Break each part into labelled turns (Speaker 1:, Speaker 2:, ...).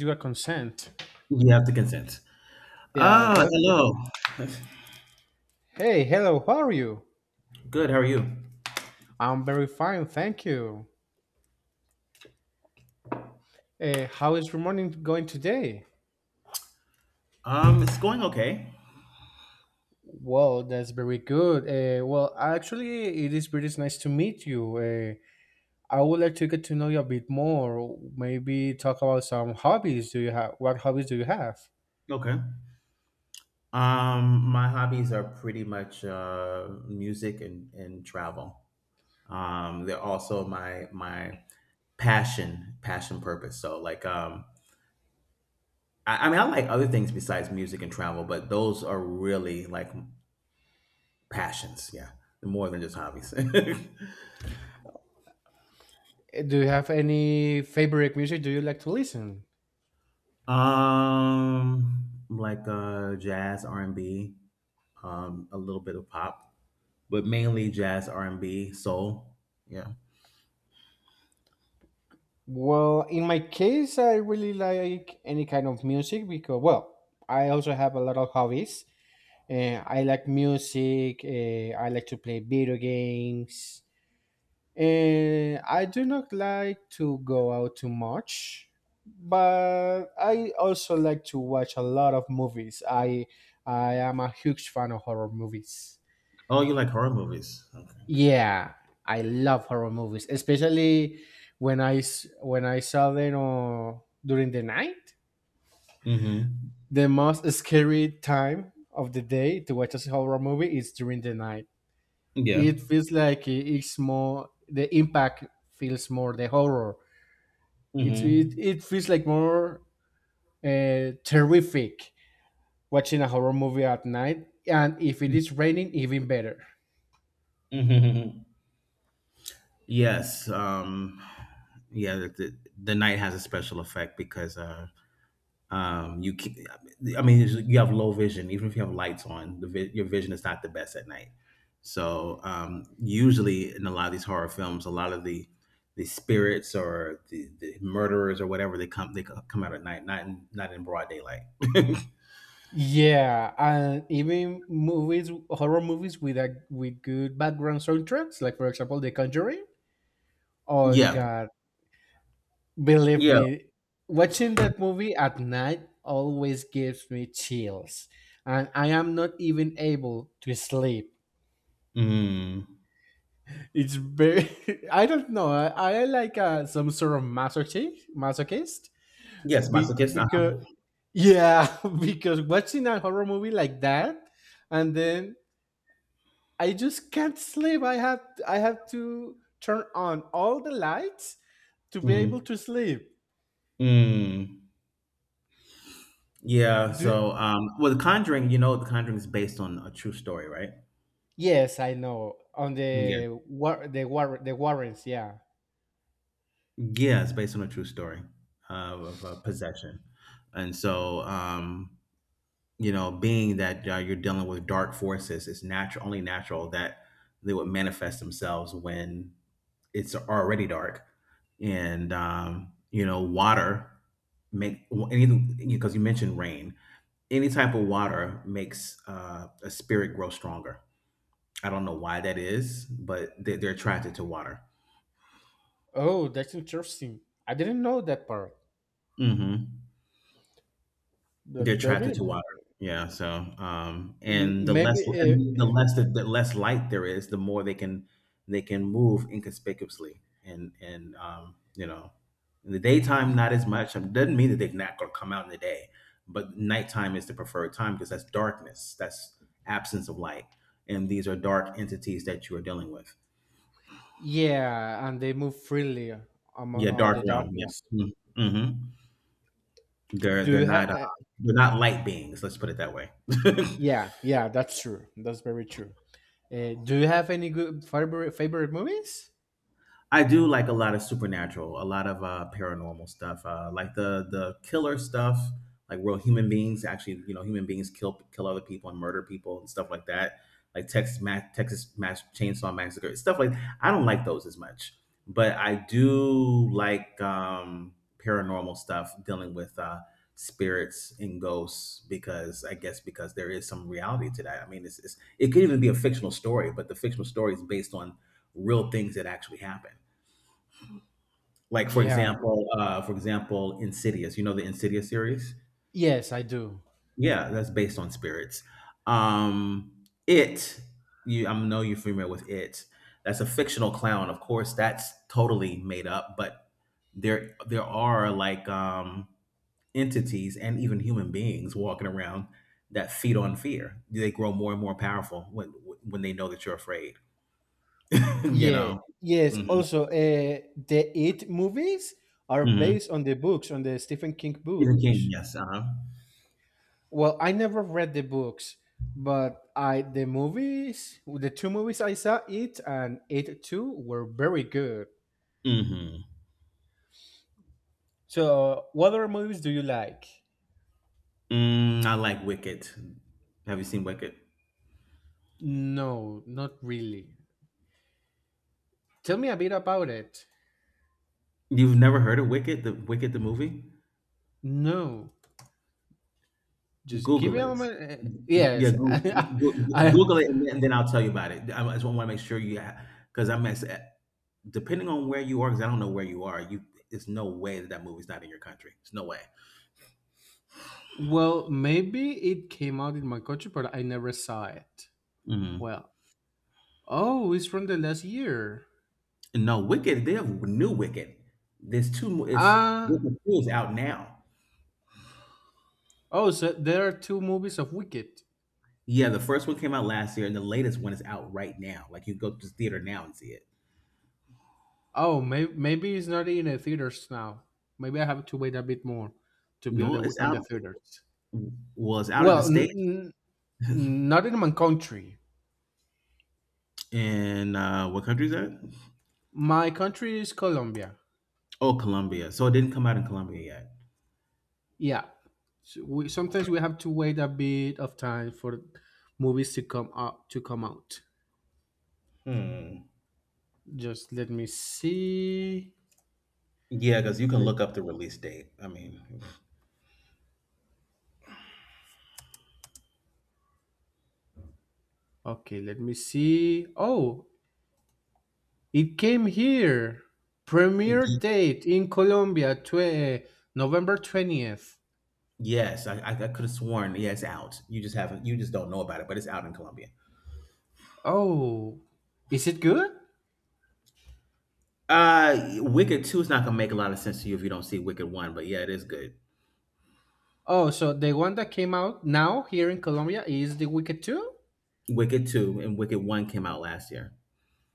Speaker 1: You a consent.
Speaker 2: You have to consent.
Speaker 1: Yeah,
Speaker 2: Ah,
Speaker 1: that.
Speaker 2: hello.
Speaker 1: Hey, hello, how are you?
Speaker 2: Good. How are you?
Speaker 1: I'm very fine, thank you. How is your morning going today?
Speaker 2: It's going okay.
Speaker 1: Well, that's very good. Well, actually, it is very nice to meet you. I would like to get to know you a bit more. Maybe talk about some hobbies. Do you have What hobbies do you have?
Speaker 2: Okay. My hobbies are pretty much music and travel. They're also my passion purpose. So like, I mean, I like other things besides music and travel, but those are really like passions. Yeah, more than just hobbies.
Speaker 1: Do you have any favorite music? Do you like to listen?
Speaker 2: Like jazz, R and B. Um, a little bit of pop, but mainly jazz, R and B, soul. Yeah.
Speaker 1: Well, in my case, I really like any kind of music because, well, I also have a lot of hobbies. I like music. I like to play video games. And I do not like to go out too much, but I also like to watch a lot of movies. I am a huge fan of horror movies.
Speaker 2: Oh, you like horror movies? Okay.
Speaker 1: Yeah, I love horror movies, especially when I saw them during the night.
Speaker 2: Mm-hmm.
Speaker 1: The most scary time of the day to watch a horror movie is during the night.
Speaker 2: Yeah.
Speaker 1: It feels like it's more the impact, feels more the horror. it it,
Speaker 2: Mm-hmm.
Speaker 1: it feels like more terrific watching a horror movie at night, and if it is raining, even better.
Speaker 2: Mm-hmm. Yes. Yeah. The night has a special effect because you can, I mean, you have low vision. Even if you have lights on, your vision is not the best at night. So usually in a lot of these horror films, a lot of the spirits or the murderers or whatever they come out at night, not in, not in broad daylight.
Speaker 1: Yeah, and even movies, horror movies with a with good background soundtracks, like for example The Conjuring. Oh
Speaker 2: Yeah,
Speaker 1: God, believe
Speaker 2: yeah,
Speaker 1: me, watching that movie at night always gives me chills, and I am not even able to sleep.
Speaker 2: mm.
Speaker 1: It's very. I don't know. I like some sort of masochist. Masochist.
Speaker 2: Yes, masochist.
Speaker 1: Because,
Speaker 2: Uh-huh.
Speaker 1: yeah, because watching a horror movie like that, and then I just can't sleep. I have to turn on all the lights to be able
Speaker 2: Mm.
Speaker 1: to sleep.
Speaker 2: Mm. Yeah.
Speaker 1: Do
Speaker 2: So, well, The Conjuring, you know, The Conjuring is based on a true story, right?
Speaker 1: Yes, I know, on
Speaker 2: Yeah.
Speaker 1: the warrants. Yeah.
Speaker 2: Yeah, it's based on a true story of possession, and so you know, being that you're dealing with dark forces, it's natural, only natural that they would manifest themselves when it's already dark, and you know, water make anything because you mentioned rain. Any type of water makes a spirit grow stronger. I don't know why that is, but they're attracted to water.
Speaker 1: Oh, that's interesting. I didn't know that part.
Speaker 2: Hmm. They're
Speaker 1: But
Speaker 2: attracted to water. Yeah. So, and
Speaker 1: maybe.
Speaker 2: the less light there is, the more they can move inconspicuously. And you know, in the
Speaker 1: Uh,
Speaker 2: daytime, not as much. It doesn't mean that they're not going to come out in the day, but nighttime is the preferred time because that's darkness. That's absence of light. And these are dark entities that you are dealing with.
Speaker 1: Yeah, and they move freely on,
Speaker 2: Yeah,
Speaker 1: on
Speaker 2: dark
Speaker 1: the
Speaker 2: realm. Yeah.
Speaker 1: darkness.
Speaker 2: Mm-hmm. Mm-hmm. They're
Speaker 1: Do
Speaker 2: they're
Speaker 1: you have?
Speaker 2: not they're not light beings. Let's put it that way.
Speaker 1: Yeah, yeah, that's true. That's very true. Do you have any good favorite movies?
Speaker 2: I do like a lot of supernatural, a lot of paranormal stuff, like the killer stuff, like real human beings actually, you know, human beings kill other people and murder people and stuff like that, like Texas Mass Chainsaw Massacre stuff like. I don't like those as much, but I do like paranormal stuff dealing with spirits and ghosts because I guess because there is some reality to that. I mean, it's it could even be a fictional story, but the fictional story is based on real things that actually happen. Like for
Speaker 1: Yeah.
Speaker 2: example, Insidious. You know the Insidious series?
Speaker 1: Yes, I do.
Speaker 2: Yeah, that's based on spirits. It. You, I know you're familiar with it. That's a fictional clown, of course. That's totally made up, but there are like entities and even human beings walking around that feed on fear. They grow more and more powerful when they know that you're afraid. You
Speaker 1: Yeah.
Speaker 2: know.
Speaker 1: Yes.
Speaker 2: Hmm.
Speaker 1: Also, the It movies are
Speaker 2: Hmm.
Speaker 1: based on the books, on the Stephen King
Speaker 2: Stephen King.
Speaker 1: books.
Speaker 2: Yes. Uh huh.
Speaker 1: Well, I never read the books, but I the movies, the two movies I saw, It and It 2, were very good.
Speaker 2: Hmm.
Speaker 1: So, what other movies do you like?
Speaker 2: Mm, I like Wicked. Have you seen Wicked?
Speaker 1: No, not really. Tell me a bit about it.
Speaker 2: You've never heard of Wicked the movie?
Speaker 1: No, just give
Speaker 2: Google
Speaker 1: me a
Speaker 2: it.
Speaker 1: moment.
Speaker 2: Yeah,
Speaker 1: Yes,
Speaker 2: Goo-
Speaker 1: I,
Speaker 2: Google it, and then I'll tell you about it. I just want to make sure you, because I'm as- depending on where you are, because I don't know where you are. You, it's no way that that movie's not in your country. It's no way.
Speaker 1: well, maybe it came out in my country, but I never saw it.
Speaker 2: Mhm.
Speaker 1: Well, oh, it's from the last year.
Speaker 2: No, Wicked. They have new Wicked. There's two. Mo- It's
Speaker 1: Ah,
Speaker 2: Wicked Two is out now.
Speaker 1: oh, so there are two movies of Wicked.
Speaker 2: Yeah, the first one came out last year, and the latest one is out right now. Like you go to the theater now and see it.
Speaker 1: Oh, maybe it's not in the theaters now. Maybe I have to wait a bit more to be
Speaker 2: No, it's
Speaker 1: on
Speaker 2: out.
Speaker 1: the theaters.
Speaker 2: Was out in the
Speaker 1: Well,
Speaker 2: States
Speaker 1: not in my country.
Speaker 2: in what country is that?
Speaker 1: My country is Colombia.
Speaker 2: Oh, Colombia. So it didn't come out in Colombia yet.
Speaker 1: Yeah. So sometimes we have to wait a bit of time for movies to come up to come out.
Speaker 2: Hmm.
Speaker 1: Just let me see.
Speaker 2: Yeah, because you can
Speaker 1: Let
Speaker 2: look up the release date.
Speaker 1: Okay, let me see. Oh, it came here. Premiere
Speaker 2: Y-
Speaker 1: date in Colombia, November 20th.
Speaker 2: yes, I could have sworn, yeah, it's out. You just haven't, you just don't know about it, but it's out in Colombia.
Speaker 1: Oh, is it good?
Speaker 2: Wicked 2 is not going to make a lot of sense to you if you don't see Wicked 1, but yeah, it is good.
Speaker 1: Oh, so the one that came out now here in Colombia is The Wicked 2?
Speaker 2: Wicked 2 and Wicked 1 came out last year.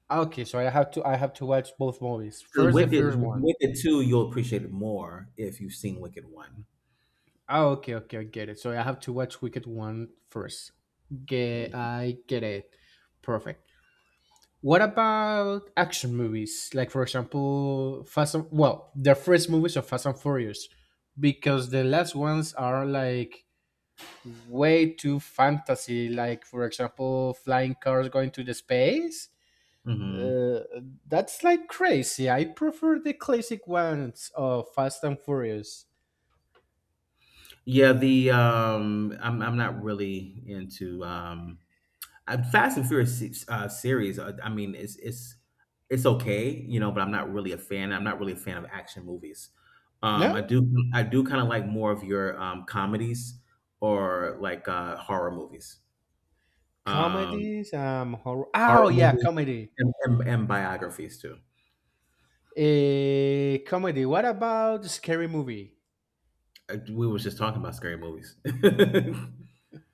Speaker 1: Ah, okay, so I have to watch both movies.
Speaker 2: Because
Speaker 1: First The first one.
Speaker 2: Wicked 2, you'll appreciate it more if you've seen Wicked one.
Speaker 1: Ah, okay, okay, I get it. So I have to watch Wicked 1 first. Get I get it. Perfect. What about action movies? Like for example, Fast and, well, the first movies of Fast and Furious, because the last ones are like way too fantasy, like for example, flying cars going to the space.
Speaker 2: Mhm.
Speaker 1: Uh, that's like crazy. I prefer the classic ones of Fast and Furious.
Speaker 2: Yeah, the I'm not really into Fast and Furious se- series. I mean, it's okay, you know, but I'm not really a fan. I'm not really a fan of action movies. Um,
Speaker 1: No?
Speaker 2: I do I do kind of like more of your comedies or like um,
Speaker 1: Comedies, horror. Oh,
Speaker 2: horror
Speaker 1: yeah,
Speaker 2: movies,
Speaker 1: comedy.
Speaker 2: and biographies too.
Speaker 1: Comedy. What about Scary Movie?
Speaker 2: We was just talking about scary movies.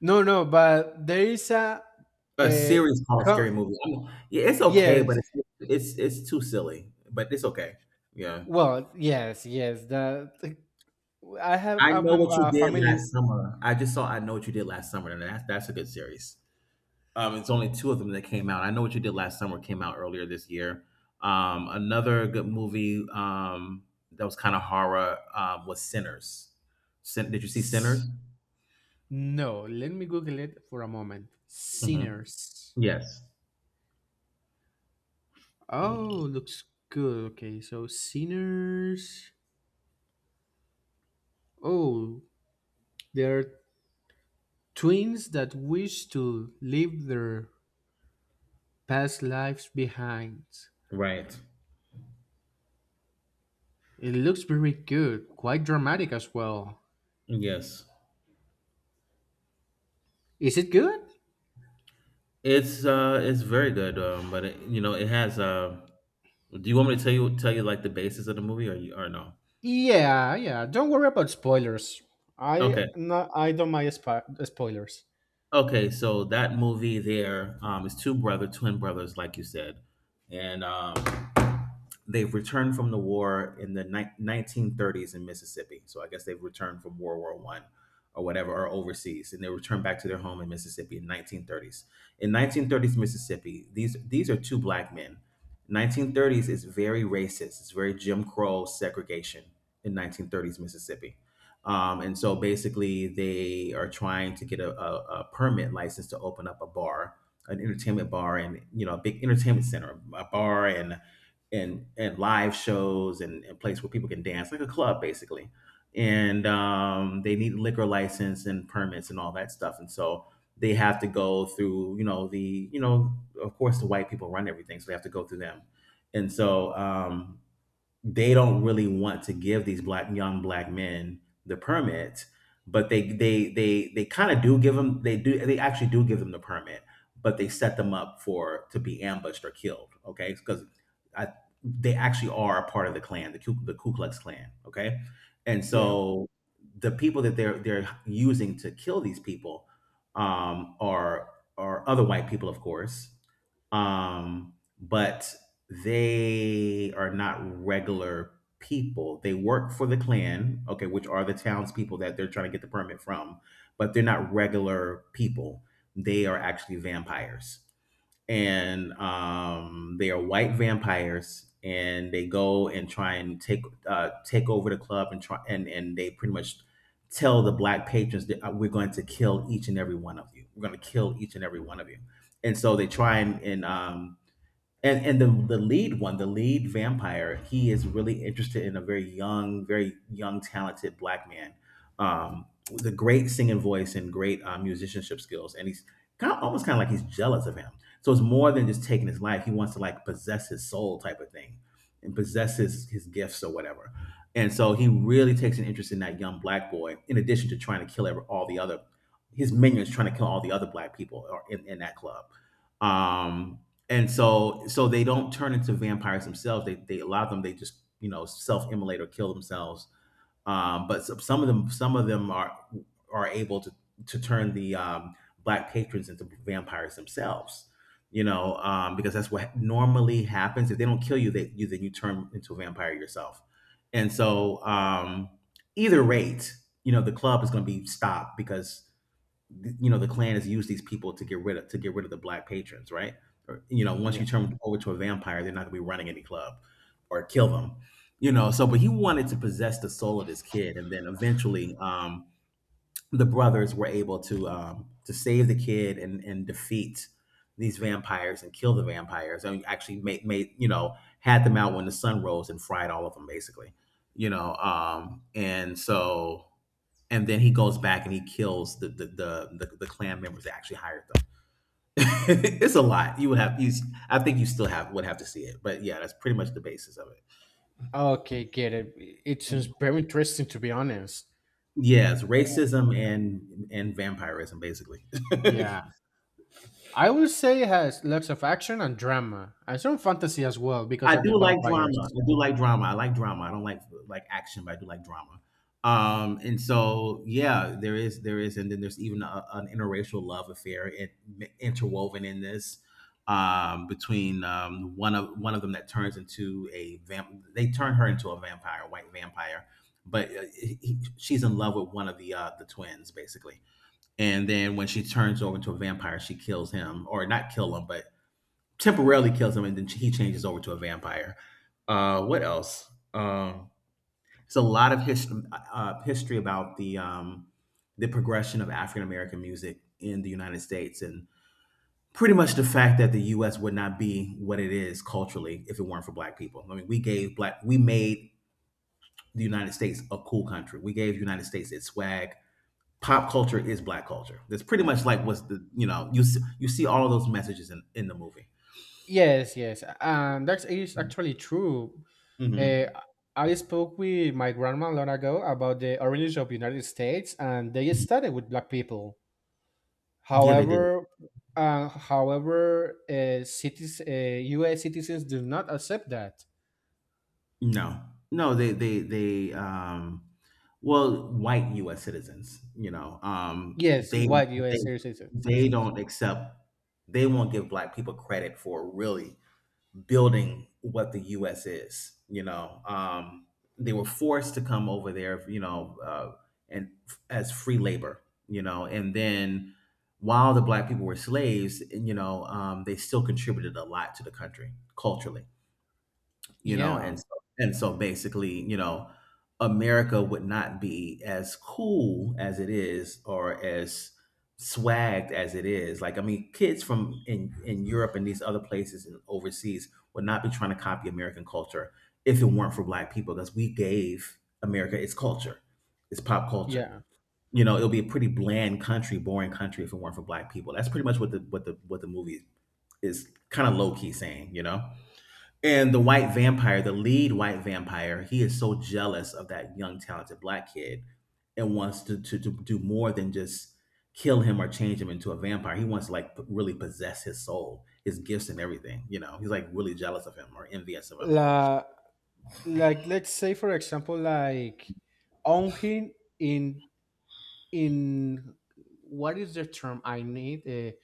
Speaker 1: No, no, but there is a.
Speaker 2: A
Speaker 1: a
Speaker 2: series called Scary
Speaker 1: com-
Speaker 2: Movie. I'm yeah,
Speaker 1: yes.
Speaker 2: it's too silly, but it's okay. Yeah.
Speaker 1: Well, yes, yes. I have
Speaker 2: I Know What You
Speaker 1: a
Speaker 2: Did
Speaker 1: family.
Speaker 2: Last Summer. I just saw I Know What You Did Last Summer, and that's a good series. It's only two of them that came out. I Know What You Did Last Summer came out earlier this year. Another good movie that was kind of horror was Sinners. Did you see Sinners?
Speaker 1: S- No, let me Google it for a moment.
Speaker 2: Hmm.
Speaker 1: Sinners.
Speaker 2: Yes.
Speaker 1: Oh, looks good. Okay, so sinners. Oh, they are twins that wish to leave their past lives behind.
Speaker 2: Right.
Speaker 1: It looks very good, quite dramatic as well.
Speaker 2: Yes.
Speaker 1: Is it good?
Speaker 2: It's it's very good, but it, you know, it has uh. Do you want me to tell you like the basis of the movie, or you or no?
Speaker 1: Yeah, yeah. Don't worry about spoilers. I
Speaker 2: Okay,
Speaker 1: No, I don't mind spoilers.
Speaker 2: okay. So that movie there is twin brothers, like you said, and they've returned from the war in 1930s in Mississippi. So I guess they've returned from World War One or whatever, or overseas, and they returned back to their home in Mississippi in 1930s. In 1930s Mississippi, these are two black men. 1930s is very racist. It's very Jim Crow segregation in 1930s Mississippi. And so basically, they are trying to get a permit license to open up a bar, an entertainment bar, and you know, a big entertainment center, a bar and live shows and place where people can dance like a club basically and they need liquor license and permits and all that stuff and so they have to go through you know the you know of course the white people run everything so they have to go through them and so they don't really want to give these black young black men the permit but they kind of do give them they actually do give them the permit but they set them up for to be ambushed or killed okay because they actually are a part of the clan the ku klux klan okay and
Speaker 1: Yeah,
Speaker 2: so the people that they're using to kill these people um are are other white people of course um, but they are not regular people. They work for the Klan, okay, which are the townspeople that they're trying to get the permit from, but they're not regular people. They are actually vampires. And they are white vampires, and they go and try and take take over the club and try and they pretty much tell the black patrons that we're going to kill each and every one of you. We're going to kill each and every one of you. And so they try and the lead one, the lead vampire, he is really interested in a very young, talented black man, um, with a great singing voice and great musicianship skills, and he's kind of like he's jealous of him. So it's more than just taking his life; he wants to like possess his soul, type of thing, and possess his gifts or whatever. And so he really takes an interest in that young black boy, in addition to trying to kill all the other his minions, trying to kill all the other black people or in that club. Um, and so so they don't turn into vampires themselves they allow them they just you know self-immolate or kill themselves but some of them are able to turn the black patrons into vampires themselves you know because that's what normally happens if they don't kill you they you then you turn into a vampire yourself and
Speaker 1: yeah,
Speaker 2: so either rate you know the club is going to be stopped because you know the Klan has used these people to get rid of to get rid of the black patrons, right? Or, once
Speaker 1: yeah.
Speaker 2: you turn them over to a vampire, they're not going to be running any club or kill them. So, but he wanted to possess the soul of this kid, and then eventually, the brothers were able to save the kid and defeat these vampires and kill the vampires and actually made had them out when the sun rose and fried all of them basically. You know um and so and then he goes back and he kills the clan members that actually hired them. It's a lot. You would have you I think you still have would have to see it, but yeah, that's pretty much the basis of
Speaker 1: Okay, get it. It sounds
Speaker 2: it.
Speaker 1: very interesting, to be honest.
Speaker 2: Yes, racism and vampirism basically.
Speaker 1: Yeah. I would say it has lots of action and drama, and some fantasy as well because
Speaker 2: I
Speaker 1: of the
Speaker 2: do like drama.
Speaker 1: vampires.
Speaker 2: I do like drama. I like drama. I don't like action, but I do like drama. And so yeah, there is, and then there's even an interracial love affair interwoven in this, between one of them that turns into a vamp. They turn her into a vampire, a white vampire, but she's in love with one of the the twins basically. And then when she turns over into a vampire, she kills him, or not kill him, but temporarily kills him, and then he changes over to a vampire. What else? It's a lot of history, about the, the progression of African American music in the United States, and pretty much the fact that the U.S. would not be what it is culturally if it weren't for Black people. I mean, we made the United States a cool country. We gave the United States its swag. Pop culture is Black culture. That's pretty much like what's the you know you you see all of those messages in the movie.
Speaker 1: Yes, yes, and that is actually true. Uh,
Speaker 2: Hmm.
Speaker 1: I spoke with my grandma long ago about the origins of United States, and they started with black people.
Speaker 2: Yeah, they did.
Speaker 1: However, U.S. citizens do not accept that.
Speaker 2: No, no, they well, white U.S. citizens,
Speaker 1: Yes, white
Speaker 2: they
Speaker 1: U.S.
Speaker 2: they
Speaker 1: Citizens.
Speaker 2: don't accept, they won't give black people credit for really building what the U.S. is. You know. They were forced to come over there, as free labor, you know, and then while the black people were slaves, they still contributed a lot to the country culturally you know,
Speaker 1: Yeah,
Speaker 2: and so and so basically, you know, America would not be as cool as it is or as swagged as it is. Like, I mean, kids from in Europe and these other places and overseas would not be trying to copy American culture if it weren't for black people, because we gave America its culture, its pop culture.
Speaker 1: yeah.
Speaker 2: It'll be a pretty bland country, boring country if it weren't for black people. That's pretty much what the movie is kind of low key saying, you know? And the white vampire, the lead white vampire, he is so jealous of that young, talented black kid and wants to do more than just kill him or change him into a vampire. He wants to like really possess his soul, his gifts and everything. He's like really jealous of him or envious of him.
Speaker 1: La Like, let's say for example, like own him in in what is the term I need?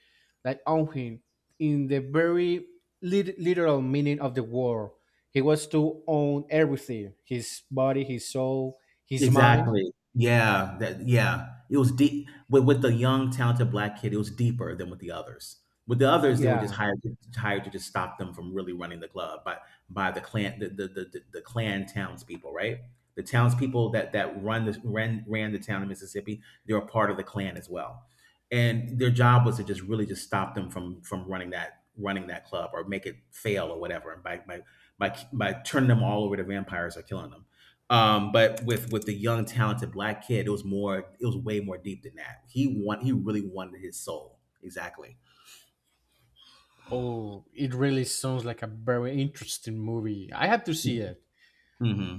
Speaker 1: Like own him in the very literal meaning of the word. He was to own everything: his body, his soul, his mind.
Speaker 2: Exactly. Yeah. That, yeah. It was deep with the young, talented black kid. It was deeper than with the others. With the others, they were just
Speaker 1: Yeah.
Speaker 2: hired to just stop them from really running the club by the clan, the clan townspeople, right? The townspeople that that run the ran ran the town of Mississippi, they're a part of the clan as well, and their job was to just really just stop them from running that club or make it fail or whatever, and by turning them all over to vampires or killing them. But with the young talented black kid, it was more. It was way more deep than that. He really wanted his soul. Exactly.
Speaker 1: Oh, it really sounds like a very interesting movie. I have to see it.
Speaker 2: Hmm.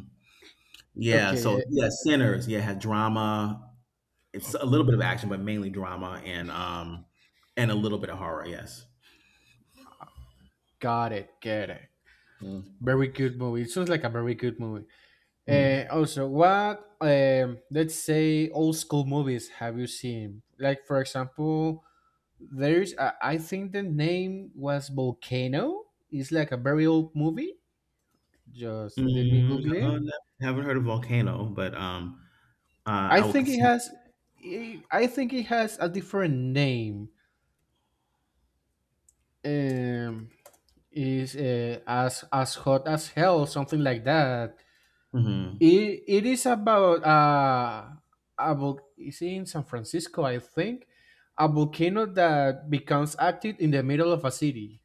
Speaker 2: Yeah.
Speaker 1: okay
Speaker 2: So
Speaker 1: eh,
Speaker 2: yeah, sinners. Yeah, had drama. It's a little bit of action, but mainly drama and a little bit of horror. Yes.
Speaker 1: Got it, get it.
Speaker 2: Mm.
Speaker 1: Very good movie It sounds like a very good movie.
Speaker 2: Mm.
Speaker 1: Also, what let's say, old school movies have you seen? Like for example, there's a, I think the name was Volcano. It's like a very old movie. Just let me
Speaker 2: Mm,
Speaker 1: Google it.
Speaker 2: uh, haven't heard of Volcano, but
Speaker 1: I
Speaker 2: I would
Speaker 1: think it
Speaker 2: consider.
Speaker 1: has. I think it has a different name. Um, is as hot as hell, something like that.
Speaker 2: Mhm.
Speaker 1: It is about is in San Francisco, I think, a volcano that becomes active in the middle of a city.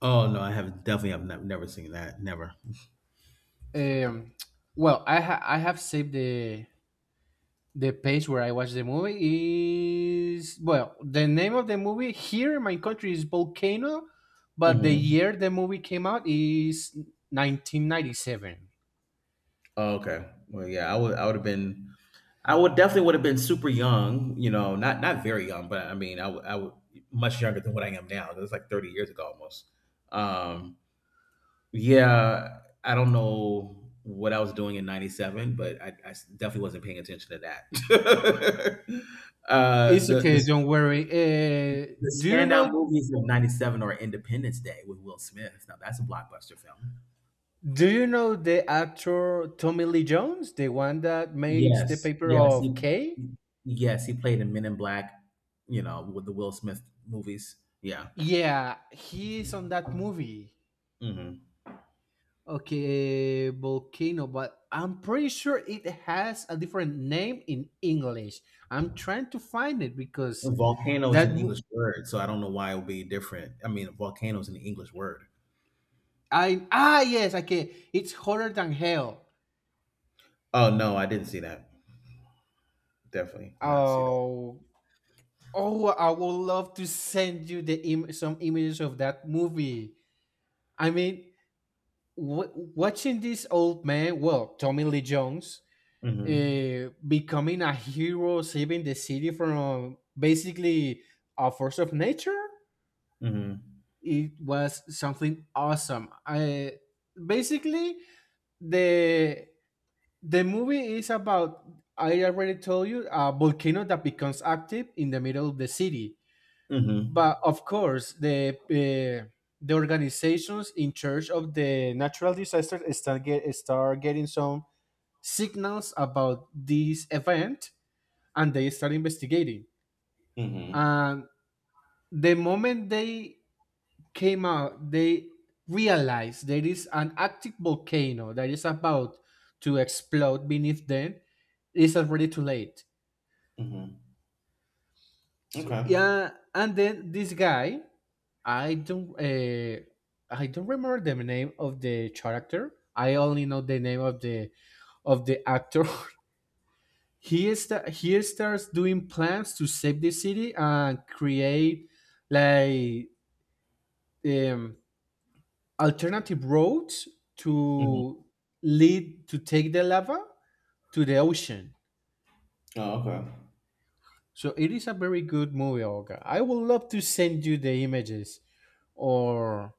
Speaker 2: Oh no, I have definitely. I've never seen that. Never.
Speaker 1: Um, well, I have saved the page where I watched the movie. Is Well, the name of the movie here in my country is Volcano, but the
Speaker 2: Hmm.
Speaker 1: year the movie came out is 1997.
Speaker 2: Oh, okay. Well, yeah, I would. I would have been. I would definitely would have been super young, not very young, but I mean, I would much younger than what I am now. It was like 30 years ago almost. Um, yeah, I don't know what I was doing in '97, but I definitely wasn't paying attention to that. uh,
Speaker 1: It's
Speaker 2: the,
Speaker 1: okay,
Speaker 2: the
Speaker 1: don't worry.
Speaker 2: the standout movies of '97 are Independence Day with Will Smith. Now that's a blockbuster film.
Speaker 1: Do you know the actor Tommy Lee Jones, the one that makes the
Speaker 2: Yes,
Speaker 1: paper
Speaker 2: yes,
Speaker 1: of K?
Speaker 2: yes, he played in Men in Black, with the Will Smith movies. Yeah.
Speaker 1: Yeah, he's on that movie.
Speaker 2: Mhm.
Speaker 1: Okay, Volcano, but I'm pretty sure it has a different name in English. I'm trying to find it because
Speaker 2: Volcano is
Speaker 1: that
Speaker 2: an
Speaker 1: mo-
Speaker 2: English word, so I don't know why it would be different. I mean, volcano is an English word.
Speaker 1: I ah yes, okay, it's hotter than hell.
Speaker 2: Oh, no, I didn't see that. Definitely not see that.
Speaker 1: Oh, oh, I would love to send you some images of that movie. I mean, watching this old man, well, Tommy Lee Jones,
Speaker 2: Mhm.
Speaker 1: becoming a hero, saving the city from basically a force of nature.
Speaker 2: Mhm.
Speaker 1: It was something awesome. I Basically, the the movie is about I already told you a volcano that becomes active in the middle of the city,
Speaker 2: Mhm.
Speaker 1: but of course the organizations in charge of the natural disasters start getting some signals about this event, and they start investigating.
Speaker 2: Mhm.
Speaker 1: And the moment they came out, they realized there is an active volcano that is about to explode beneath them. It's already too late.
Speaker 2: Mhm. Okay.
Speaker 1: Yeah, and then this guy, I don't, uh, I don't remember the name of the character. I only know the name of the actor. He starts doing plans to save the city and create, like, um, alternative roads
Speaker 2: Mhm.
Speaker 1: to lead to take the lava to the ocean.
Speaker 2: Oh, okay.
Speaker 1: So it is a very good movie, Olga. I would love to send you the images, or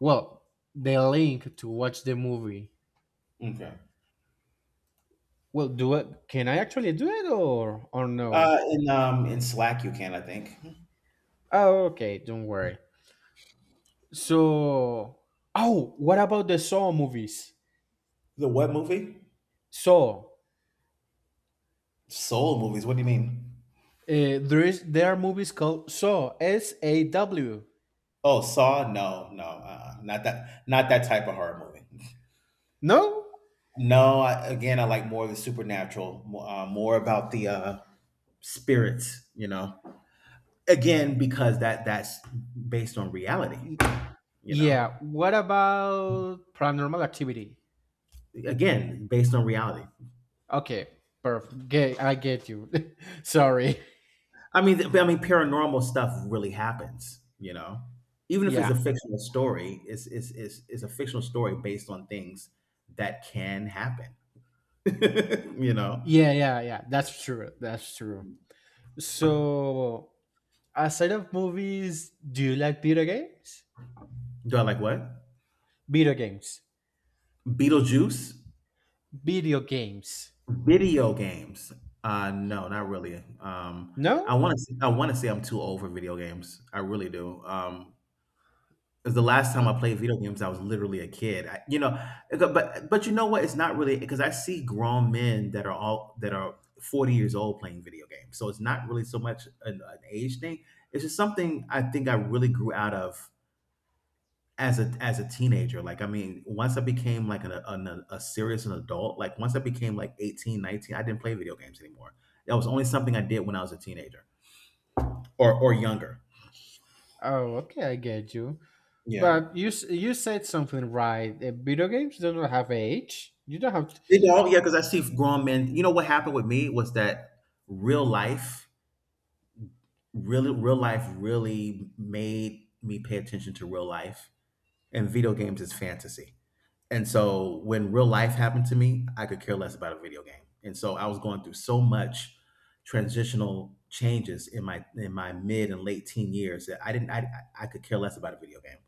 Speaker 1: well, the link to watch the movie.
Speaker 2: Okay.
Speaker 1: Well, do it. Can I actually do it, or no?
Speaker 2: In Slack you can, I think.
Speaker 1: Oh, okay. Don't worry. So, oh, what about the Saw movies?
Speaker 2: The what movie?
Speaker 1: Saw.
Speaker 2: Soul movies, what do you mean?
Speaker 1: There are movies called Saw. S A W.
Speaker 2: Oh, Saw? No, no, not that type of horror movie.
Speaker 1: No.
Speaker 2: No, again, I like more of the supernatural, more about the spirits. Again, because that's based on reality.
Speaker 1: Y-
Speaker 2: you know
Speaker 1: Yeah. What about Paranormal Activity?
Speaker 2: again based on reality.
Speaker 1: Okay. Perfect. I get you. Sorry.
Speaker 2: I mean, I mean paranormal stuff really happens. Even if it's a
Speaker 1: Yeah.
Speaker 2: fictional story, it's a fictional story based on things that can happen. you know
Speaker 1: Yeah. Yeah. Yeah. That's true. That's true. So, aside of movies, do you like video games?
Speaker 2: do I like what?
Speaker 1: Video games.
Speaker 2: Beetlejuice?
Speaker 1: Video games.
Speaker 2: Video games. No, not really.
Speaker 1: No.
Speaker 2: I want to say I'm too old for video games. I really do. 'Cause the last time
Speaker 1: Well,
Speaker 2: I played video games, I was literally a kid. But you know what? It's not really because I see grown men that are 40 years old playing video games. So it's not really so much an age thing. It's just something I think I really grew out of as a teenager. Like I mean, once I became like an a serious an adult, like once I became like 18, 19, I didn't play video games anymore. That was only something I did when I was a teenager or younger.
Speaker 1: oh, okay. I get you.
Speaker 2: Yeah.
Speaker 1: But you said something right. Video games do not have age. You don't have.
Speaker 2: They don't, yeah, yeah, because I see grown men. You know what happened with me was that real life, real life really made me pay attention to real life, and video games is fantasy. And so when real life happened to me, I could care less about a video game. And so I was going through so much transitional changes in my mid and late teen years that I didn't I could care less about a video game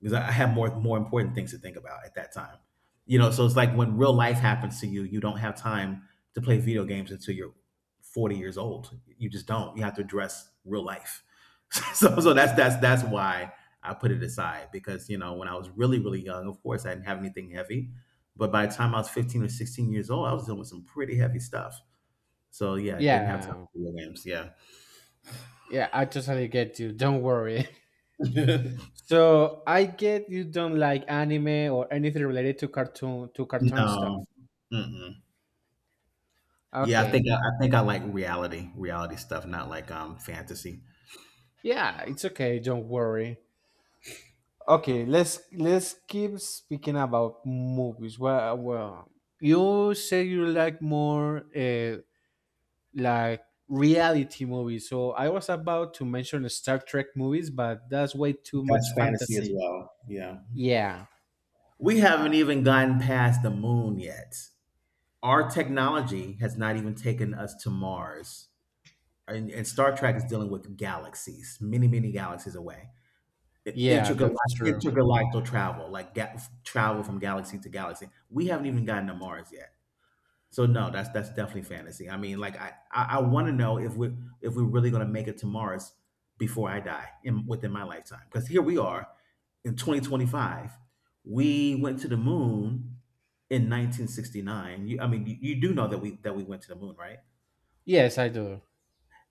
Speaker 2: because I had more important things to think about at that time. So it's like when real life happens to you, you don't have time to play video games until you're 40 years old. You just don't. You have to address real life. So that's why I put it aside because, when I was really, really young, of course, I didn't have anything heavy. But by the time I was 15 or 16 years old, I was dealing with some pretty heavy stuff. So yeah, I didn't have time
Speaker 1: Yeah,
Speaker 2: for video games. Yeah.
Speaker 1: yeah. I totally get you. Don't worry. So I get you don't like anime or anything related to cartoon
Speaker 2: No.
Speaker 1: stuff.
Speaker 2: Mm-mm. Yeah,
Speaker 1: Okay.
Speaker 2: I think I like reality stuff, not like fantasy.
Speaker 1: Yeah, it's okay. Don't worry. Okay, let's keep speaking about movies. Well, you say you like more like reality movies. So I was about to mention Star Trek movies, but that's way too much
Speaker 2: That's fantasy as
Speaker 1: fantasy.
Speaker 2: well. Yeah.
Speaker 1: Yeah.
Speaker 2: We haven't even gotten past the moon yet. Our technology has not even taken us to Mars. And Star Trek is dealing with galaxies, many, many galaxies away.
Speaker 1: Yeah, that's
Speaker 2: Intergalactic
Speaker 1: true.
Speaker 2: travel, like travel from galaxy to galaxy. We haven't even gotten to Mars yet, so no, that's definitely fantasy. I mean, like I want to know if we're really going to make it to Mars before I die in within my lifetime, because here we are in 2025. We went to the moon in 1969. I mean, you do know that we went to the moon, right?
Speaker 1: Yes, I do.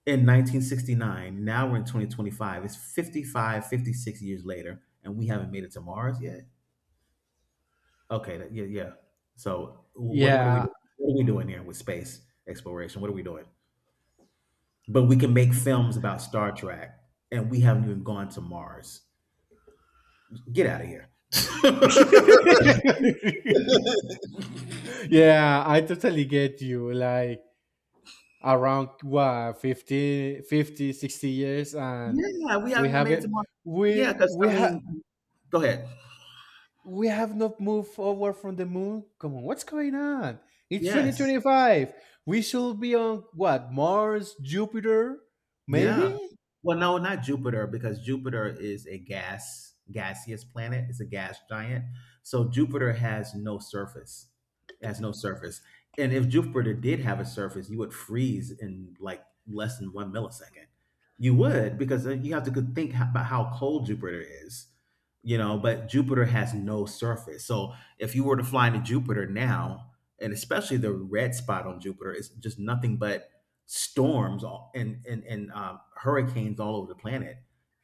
Speaker 2: In 1969. Now we're in 2025. It's 55, 56 years later, and we haven't made it to Mars yet. Okay, yeah, yeah. So
Speaker 1: Yeah.
Speaker 2: what are we doing here with space exploration? What are we doing? But we can make films about Star Trek, and we haven't even gone to Mars. Get out of here. Yeah,
Speaker 1: Yeah, I totally get you. Like, around what, 50, 50, 60 years, and
Speaker 2: we
Speaker 1: we
Speaker 2: haven't even made it to
Speaker 1: haven't
Speaker 2: Mars. Yeah, because
Speaker 1: we
Speaker 2: I
Speaker 1: ha
Speaker 2: mean, go ahead.
Speaker 1: we have not moved forward from the moon. Come on, what's going on? It's
Speaker 2: Yes.
Speaker 1: 2025. We should be on what? Mars, Jupiter,
Speaker 2: Yeah.
Speaker 1: maybe?
Speaker 2: Well, no, not Jupiter because Jupiter is a gaseous planet. It's a gas giant. So Jupiter has no surface. It has no surface. And if Jupiter did have a surface, you would freeze in like less than one millisecond. You would because then you have to about how cold Jupiter is, you know. But Jupiter has no surface. So if you were to fly into Jupiter now, and especially the red spot on Jupiter, is just nothing but storms all- and hurricanes all over the planet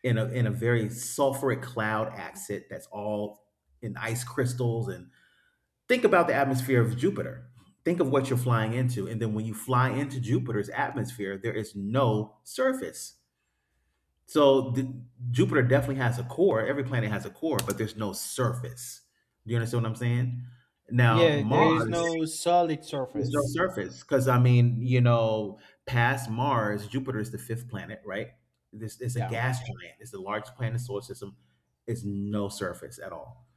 Speaker 2: in a very sulfuric cloud axis that's all in ice crystals, and think about the atmosphere of Jupiter. Think of what you're flying into, and then when you fly into Jupiter's atmosphere, there is no surface. So the, Jupiter definitely has a core. Every planet has a core, but there's no surface. Do you understand what I'm saying? Now
Speaker 1: Yeah, there
Speaker 2: Mars,
Speaker 1: is no solid
Speaker 2: there's no
Speaker 1: surface.
Speaker 2: surface because I mean, you know, past Mars, Jupiter is the fifth planet, right? This it's a
Speaker 1: Yeah,
Speaker 2: gas giant. It's the largest planet in the solar system. Is no surface at all.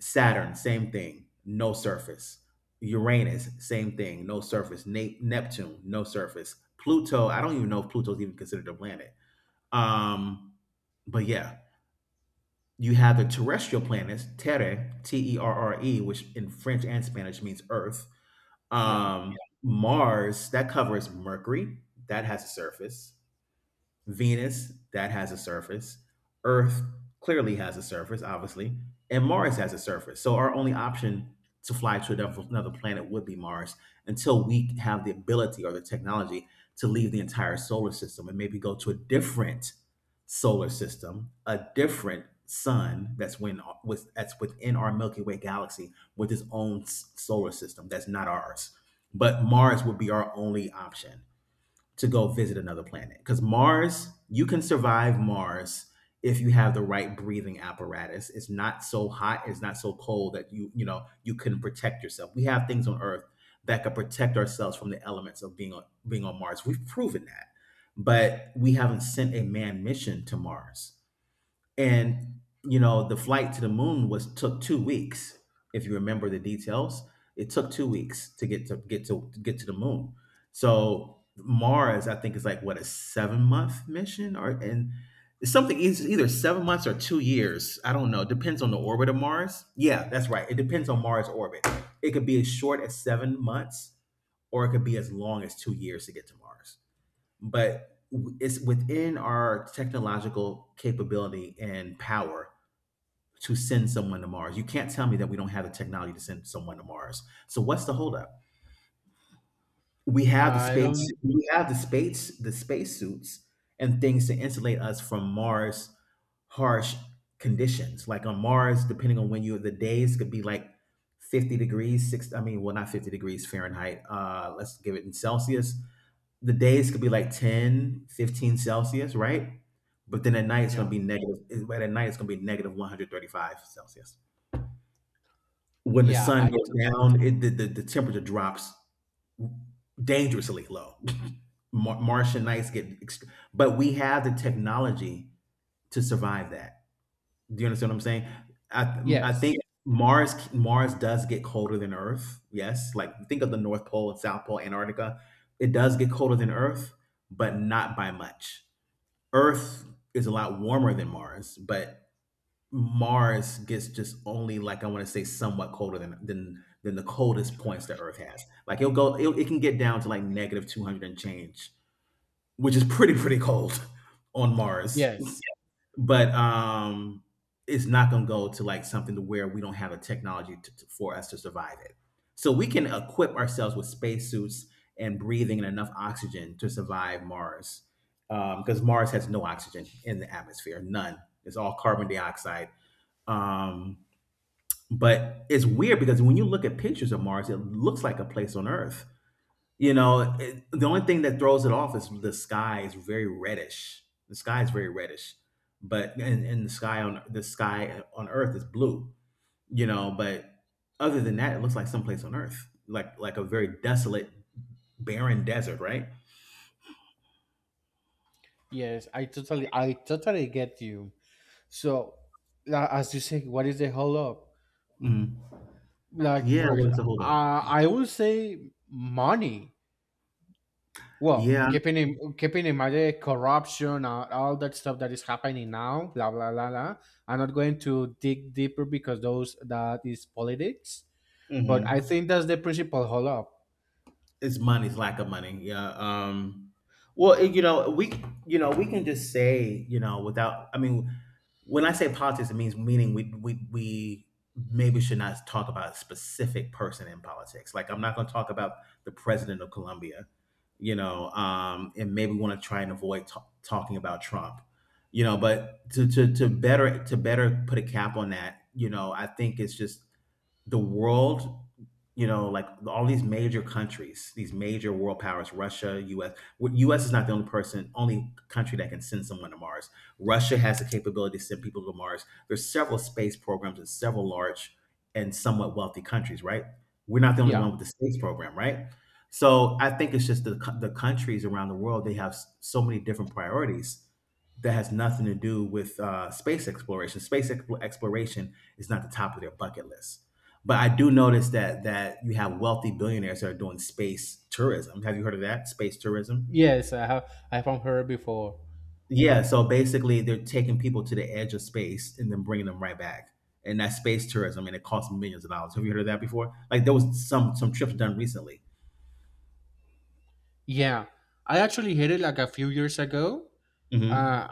Speaker 2: Saturn, same thing, no surface. Uranus, same thing, no surface. Neptune, no surface. Pluto, I don't even know if Pluto's even considered a planet. Um, but yeah, you have the terrestrial planets, Terre, T E R R E, which in French and Spanish means Earth.
Speaker 1: yeah.
Speaker 2: um, Mars, that covers Mercury, that has a surface. Venus, that has a surface. Earth clearly has a surface, obviously. And Mars has a surface. So our only option to fly to another planet would be Mars until we have the ability or the technology to leave the entire solar system and maybe go to a different solar system, a different sun that's within our Milky Way galaxy with its own solar system that's not ours. But Mars would be our only option to go visit another planet. Because Mars, you can survive Mars if you have the right breathing apparatus. It's not so hot, it's not so cold that you know, you couldn't protect yourself. We have things on Earth that could protect ourselves from the elements of being on Mars. We've proven that. But we haven't sent a manned mission to Mars. And you know, the flight to the moon was took 2 weeks, if you remember the details. It took 2 weeks to get to the moon. So, Mars, I think, is like what, a 7-month mission? Or and it's something is either 7 months or 2 years. I don't know. Depends on the orbit of Mars. Yeah, that's right. It depends on Mars orbit. It could be as short as 7 months or it could be as long as 2 years to get to Mars, but it's within our technological capability and power to send someone to Mars. You can't tell me that we don't have the technology to send someone to Mars. So what's the holdup? We have the
Speaker 1: I
Speaker 2: space,
Speaker 1: don't.
Speaker 2: we have the space, the spacesuits and things to insulate us from Mars' harsh conditions. Like on Mars, depending on when you the days could be like 50 degrees, six I mean, well, not 50 degrees Fahrenheit. Let's give it in Celsius. The days could be like 10, 15 Celsius, right? But then at night it's going to
Speaker 1: Yeah,
Speaker 2: be negative. Right. At night it's going to be negative 135 Celsius. When the
Speaker 1: yeah.
Speaker 2: sun goes down, it, the temperature drops dangerously low. Mar- Martian nights get, ext- But we have the technology to survive that. Do you understand what I'm saying? I think
Speaker 1: Yes,
Speaker 2: Mars does get colder than Earth. Yes, like think of the North Pole and South Pole, Antarctica. It does get colder than Earth, but not by much. Earth is a lot warmer than Mars, but Mars gets just only, like, I want to say somewhat colder than the coldest points that Earth has. It can get down to like negative 200 and change, which is pretty cold on Mars.
Speaker 1: yes,
Speaker 2: But It's not going to go to like something to where we don't have the technology to, for us to survive it, so we can equip ourselves with spacesuits and breathing and enough oxygen to survive Mars, because Mars has no oxygen in the atmosphere, none. It's all carbon dioxide. um, but it's weird because when you look at pictures of Mars, it looks like a place on Earth. You know, the only thing that throws it off is the sky is very reddish. The sky is very reddish, but and the sky on Earth is blue. You know, but other than that, it looks like someplace on Earth, like a very desolate, barren desert, right?
Speaker 1: yes. I totally get you. So, as you say, what is the hold up?
Speaker 2: Mhm.
Speaker 1: Like
Speaker 2: Yeah,
Speaker 1: for, ex-
Speaker 2: what is the hold up?
Speaker 1: I would say money. Well,
Speaker 2: Yeah.
Speaker 1: keeping in mind the corruption, and all that stuff that is happening now, blah blah blah blah. I'm not going to dig deeper because those that is politics, but I
Speaker 2: Hmm,
Speaker 1: think that's the principal hold up.
Speaker 2: it's money, it's lack of money, yeah. Well, you know, we can just say, you know, without I mean when I say politics, it means, meaning, we maybe should not talk about a specific person in politics. Like, I'm not going to talk about the president of Colombia, you know. And maybe want to try and avoid talking about Trump, you know. But to better put a cap on that, you know, I think it's just the world. You know, like all these major countries, these major world powers, Russia, US. US is not the only person, only country that can send someone to Mars. Russia has the capability to send people to Mars. There's several space programs in several large and somewhat wealthy countries, right? We're not the only
Speaker 1: Yeah.
Speaker 2: one with the space program, right? So I think it's just the countries around the world, they have so many different priorities that has nothing to do with space exploration. Space exploration is not the top of their bucket list, but I do notice that you have wealthy billionaires that are doing space tourism. Have you heard of that? Space tourism?
Speaker 1: Yes, I have heard before.
Speaker 2: Yeah, so basically they're taking people to the edge of space and then bringing them right back. And that's space tourism, and it costs millions of dollars. Have you heard of that before? Like, there was some trips done recently.
Speaker 1: Yeah, I actually heard it like a few years ago. Uh,
Speaker 2: Hmm.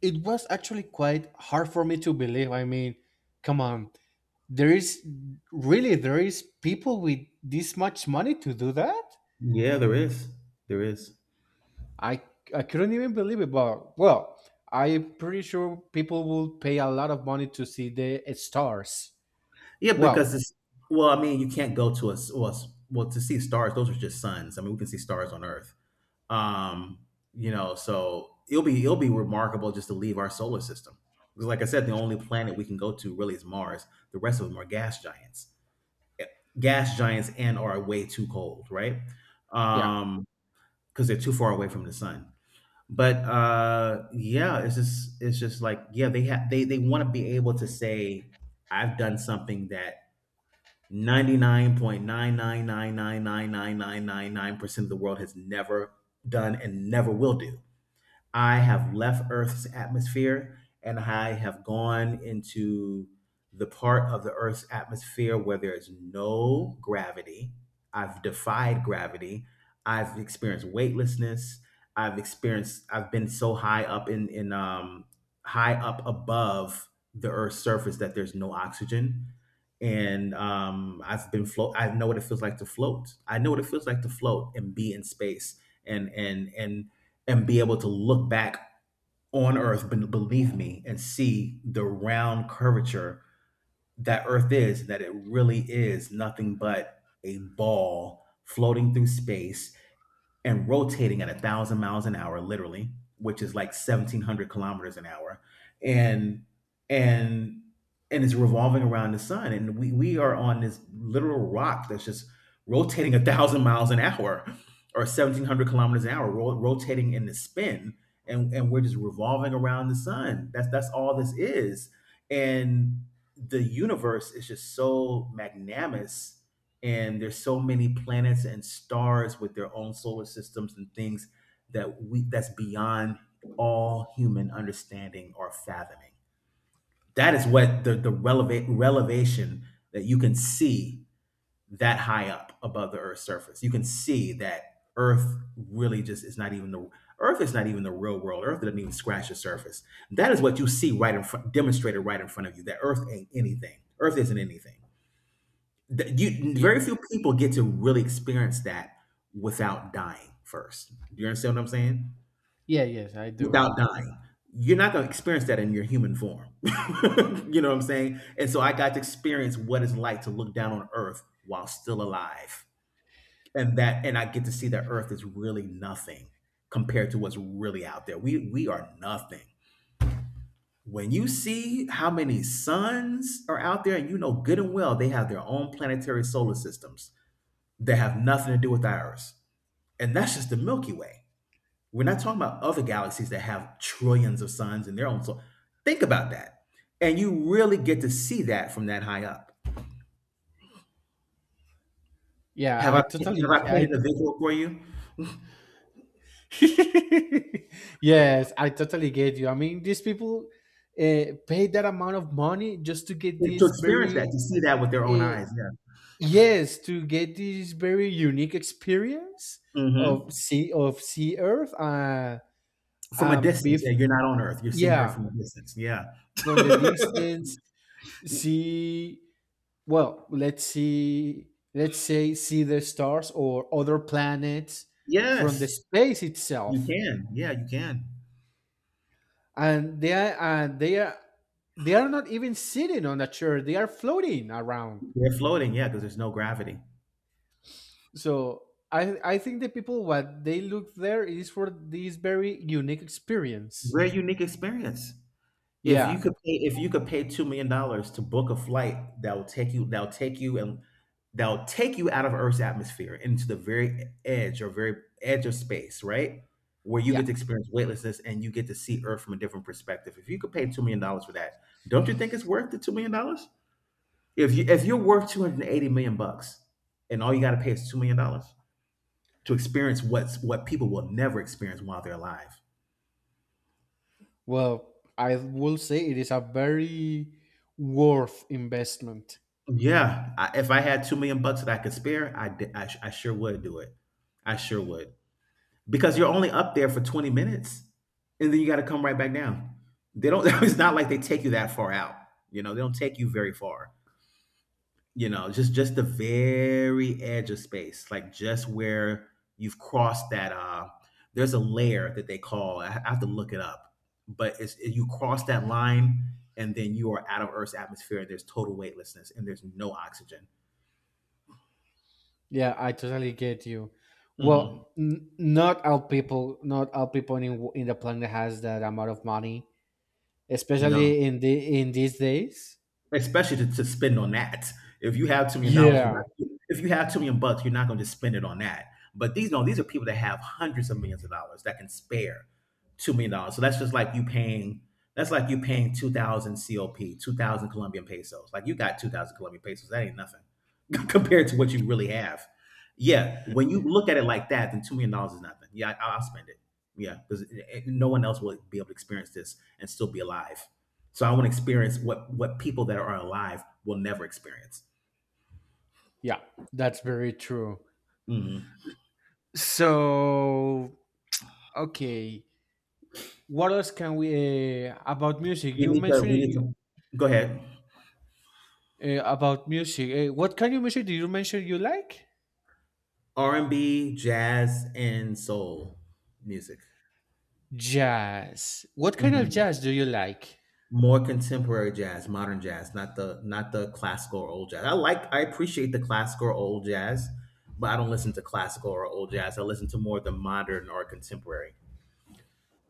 Speaker 1: it was actually quite hard for me to believe. I mean, come on, there is really there is people with this much money to do that.
Speaker 2: Yeah, there is. There is.
Speaker 1: I I couldn't even believe it, but well, I'm pretty sure people will pay a lot of money to see the stars.
Speaker 2: Yeah, because
Speaker 1: Well,
Speaker 2: it's, well, I mean, you can't go to well, to see stars. Those are just suns. I mean, we can see stars on Earth. Um, you know, so it'll be, it'll be remarkable just to leave our solar system. Because like I said, the only planet we can go to really is Mars. The rest of them are gas giants. Gas giants, and are way too cold, right?
Speaker 1: yeah,
Speaker 2: Um, because they're too far away from the sun. But yeah, it's just, it's just like, yeah, they have, they want to be able to say, I've done something that 99.999999999% of the world has never done and never will do. I have left Earth's atmosphere and I have gone into the part of the Earth's atmosphere where there is no gravity. I've defied gravity. I've experienced weightlessness. I've experienced. I've been so high up in high up above the Earth's surface that there's no oxygen, and I've been float. I know what it feels like to float. I know what it feels like to float and be in space. And and and and be able to look back on Earth, beneath me, and see the round curvature that Earth is, that it really is nothing but a ball floating through space and rotating at a thousand miles an hour, literally, which is like 1,700 kilometers an hour, and and and it's revolving around the sun, and we are on this literal rock that's just rotating a thousand miles an hour or 1,700 kilometers an hour, rotating in the spin, and we're just revolving around the sun. That's all this is. And the universe is just so magnanimous, and there's so many planets and stars with their own solar systems and things that we that's beyond all human understanding or fathoming. That is what the relevate relevation, that you can see, that high up above the Earth's surface, you can see that Earth really just is not even the, Earth is not even the real world. Earth doesn't even scratch the surface. That is what you see, right in front, demonstrated right in front of you, that Earth ain't anything, Earth isn't anything. Th You,
Speaker 1: yeah,
Speaker 2: very few people get to really experience that without dying first. Do you understand what I'm saying?
Speaker 1: yeah, yes, I do.
Speaker 2: Without dying. You're not gonna experience that in your human form. You know what I'm saying? And so I got to experience what it's like to look down on Earth while still alive. And I get to see that Earth is really nothing compared to what's really out there. We are nothing. When you see how many suns are out there and you know good and well they have their own planetary solar systems that have nothing to do with ours. And that's just the Milky Way. We're not talking about other galaxies that have trillions of suns in their own solar. Think about that. And you really get to see that from that high up.
Speaker 1: Yeah,
Speaker 2: Have
Speaker 1: I
Speaker 2: I have
Speaker 1: totally,
Speaker 2: I painted
Speaker 1: I
Speaker 2: a visual for you?
Speaker 1: yes, I totally get you. I mean, these people pay that amount of money just to get
Speaker 2: To
Speaker 1: this
Speaker 2: experience that,
Speaker 1: very
Speaker 2: to see that with their own
Speaker 1: uh,
Speaker 2: eyes. Yeah.
Speaker 1: yes, to get this very unique experience of
Speaker 2: Hmm.
Speaker 1: sea Earth.
Speaker 2: From a
Speaker 1: Um,
Speaker 2: distance.
Speaker 1: bef-
Speaker 2: Yeah, you're not on Earth. You're seeing Earth
Speaker 1: yeah,
Speaker 2: from a distance. Yeah.
Speaker 1: from the distance. See well let's see let's say see the stars or other planets from the
Speaker 2: Yes,
Speaker 1: space
Speaker 2: you
Speaker 1: itself,
Speaker 2: can. Yeah, you can.
Speaker 1: and they are not even sitting on a chair, they are floating around.
Speaker 2: They're floating. Yeah, because there's no gravity.
Speaker 1: So I think the people what they look there is for this very unique experience.
Speaker 2: Very unique experience. If you
Speaker 1: Yeah,
Speaker 2: could pay if you could pay $2 million dollars to book a flight that'll take you out of Earth's atmosphere into the very edge or very edge of space, right? Where you
Speaker 1: yeah,
Speaker 2: get to experience weightlessness and you get to see Earth from a different perspective. If you could pay $2 million dollars for that, don't you think it's worth the $2 million dollars? If you're worth 280 million bucks and all you got to pay is $2 million dollars to experience what people will never experience while they're alive.
Speaker 1: well, I will say it is a very worth investment.
Speaker 2: Yeah, if I had 2 million bucks that I could spare, I, d- I sh- I sure would do it. I sure would because you're only up there for 20 minutes, and then you got to come right back down. They don't. It's not like they take you that far out. They don't take you very far. Just the very edge of space, like just where you've crossed that. There's a layer that they call. I have to look it up, but it's you cross that line, and then you are out of Earth's atmosphere. And there's total weightlessness, and there's no oxygen.
Speaker 1: Yeah, I totally get you.
Speaker 2: Mhm.
Speaker 1: Well, not all people, not all people in the planet has that amount of money,
Speaker 2: No,
Speaker 1: especially in the in these days.
Speaker 2: especially to spend on that. If you have $2 million dollars, you're
Speaker 1: Yeah,
Speaker 2: not if you have $2 million bucks, you're not gonna spend it on that. But these no, these are people that have hundreds of millions of dollars that can spare $2 million dollars. So that's like you paying 2,000 COP, 2,000 Colombian pesos. Like, you got 2,000 Colombian pesos, that ain't nothing compared to what you really have. Yeah, when you look at it like that, then $2 million dollars is nothing. Yeah, I'll spend it. Yeah, because no one else will be able to experience this and still be alive. So I want to experience what people that are alive will never experience.
Speaker 1: yeah, that's very true.
Speaker 2: Mm.
Speaker 1: So, okay, what else can we about music?
Speaker 2: We
Speaker 1: You
Speaker 2: need to
Speaker 1: mentioned
Speaker 2: we need
Speaker 1: you,
Speaker 2: to go ahead.
Speaker 1: about music. What kind of music did you mention you like?
Speaker 2: R and B, jazz, and soul music.
Speaker 1: Jazz. What kind of
Speaker 2: Mhm.
Speaker 1: jazz do you like?
Speaker 2: More contemporary jazz, modern jazz, not the classical or old jazz. I appreciate the classical or old jazz, but I don't listen to classical or old jazz. I listen to more the modern or contemporary.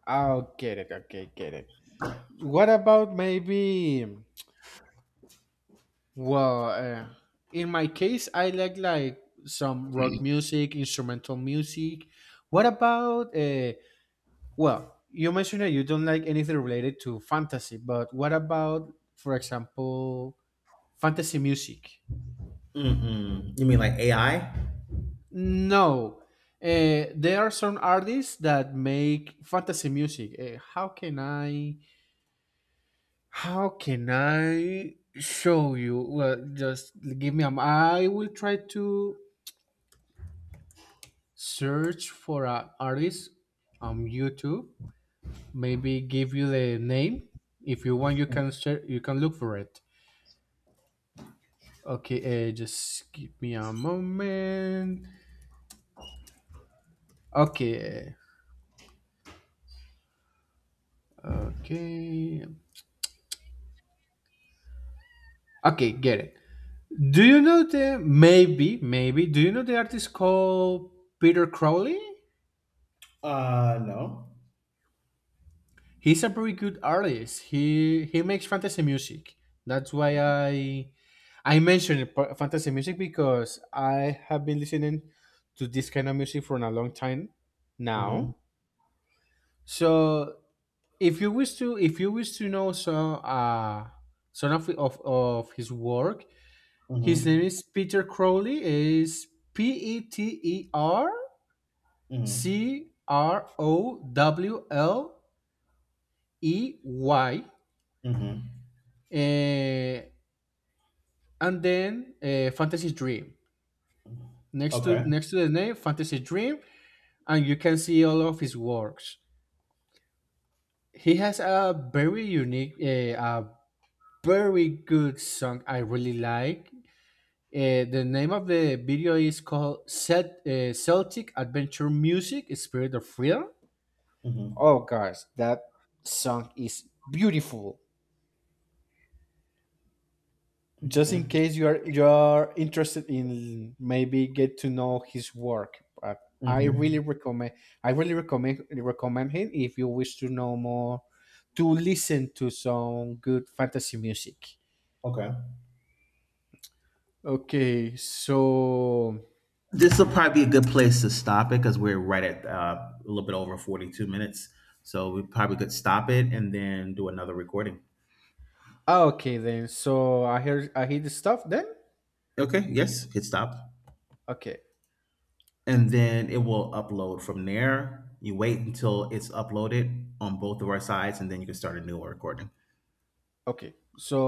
Speaker 1: Oh, get it. Okay, get it. What about maybe? Well, in my case, I like some rock music, instrumental music. What about well, you mentioned that you don't like anything related to fantasy, but what about, for example, fantasy music?
Speaker 2: Mm-mm. You mean like AI?
Speaker 1: No, there are some artists that make fantasy music. How can I? How can I show you? Well, just give me a. I will try to search for an artist on YouTube. Maybe give you the name. If you want, you can share, you can look for it. Okay, just give me a moment. Okay, okay, okay, get it. Do you know the maybe? Do you know the artist called Peter Crowley?
Speaker 2: No.
Speaker 1: He's a very good artist. He makes fantasy music. That's why I mentioned fantasy music because I have been listening to this kind of music for a long time
Speaker 2: Mm-hmm.
Speaker 1: now. So if you wish to if you wish to know some of his work, his name
Speaker 2: Mm-hmm.
Speaker 1: is Peter Crowley. Is P E T E R
Speaker 2: Mm-hmm.
Speaker 1: C R O W L E Y.
Speaker 2: Mm-hmm.
Speaker 1: Uh, and then Fantasy Dream. Next to
Speaker 2: Okay.
Speaker 1: next to the name, Fantasy Dream, and you can see all of his works. He has a very unique, a very good song I really like. The name of the video is called Celtic Adventure Music, Spirit of Freedom.
Speaker 2: Mhm.
Speaker 1: Oh, guys, that song is beautiful. Just
Speaker 2: Okay.
Speaker 1: in case you are interested in maybe get to know his work, but i really
Speaker 2: Mhm.
Speaker 1: recommend I really recommend him if you wish to know more, to listen to some good fantasy music.
Speaker 2: Okay.
Speaker 1: Okay so,
Speaker 2: This will probably be a good place to stop it because we're right at a little bit over 42 minutes. So we probably could stop it and then do another recording.
Speaker 1: ah, okay then, so I hear the stuff then.
Speaker 2: Okay, yes, hit stop.
Speaker 1: Okay,
Speaker 2: And then it will upload from there. You wait until it's uploaded on both of our sides and then you can start a new recording.
Speaker 1: okay, so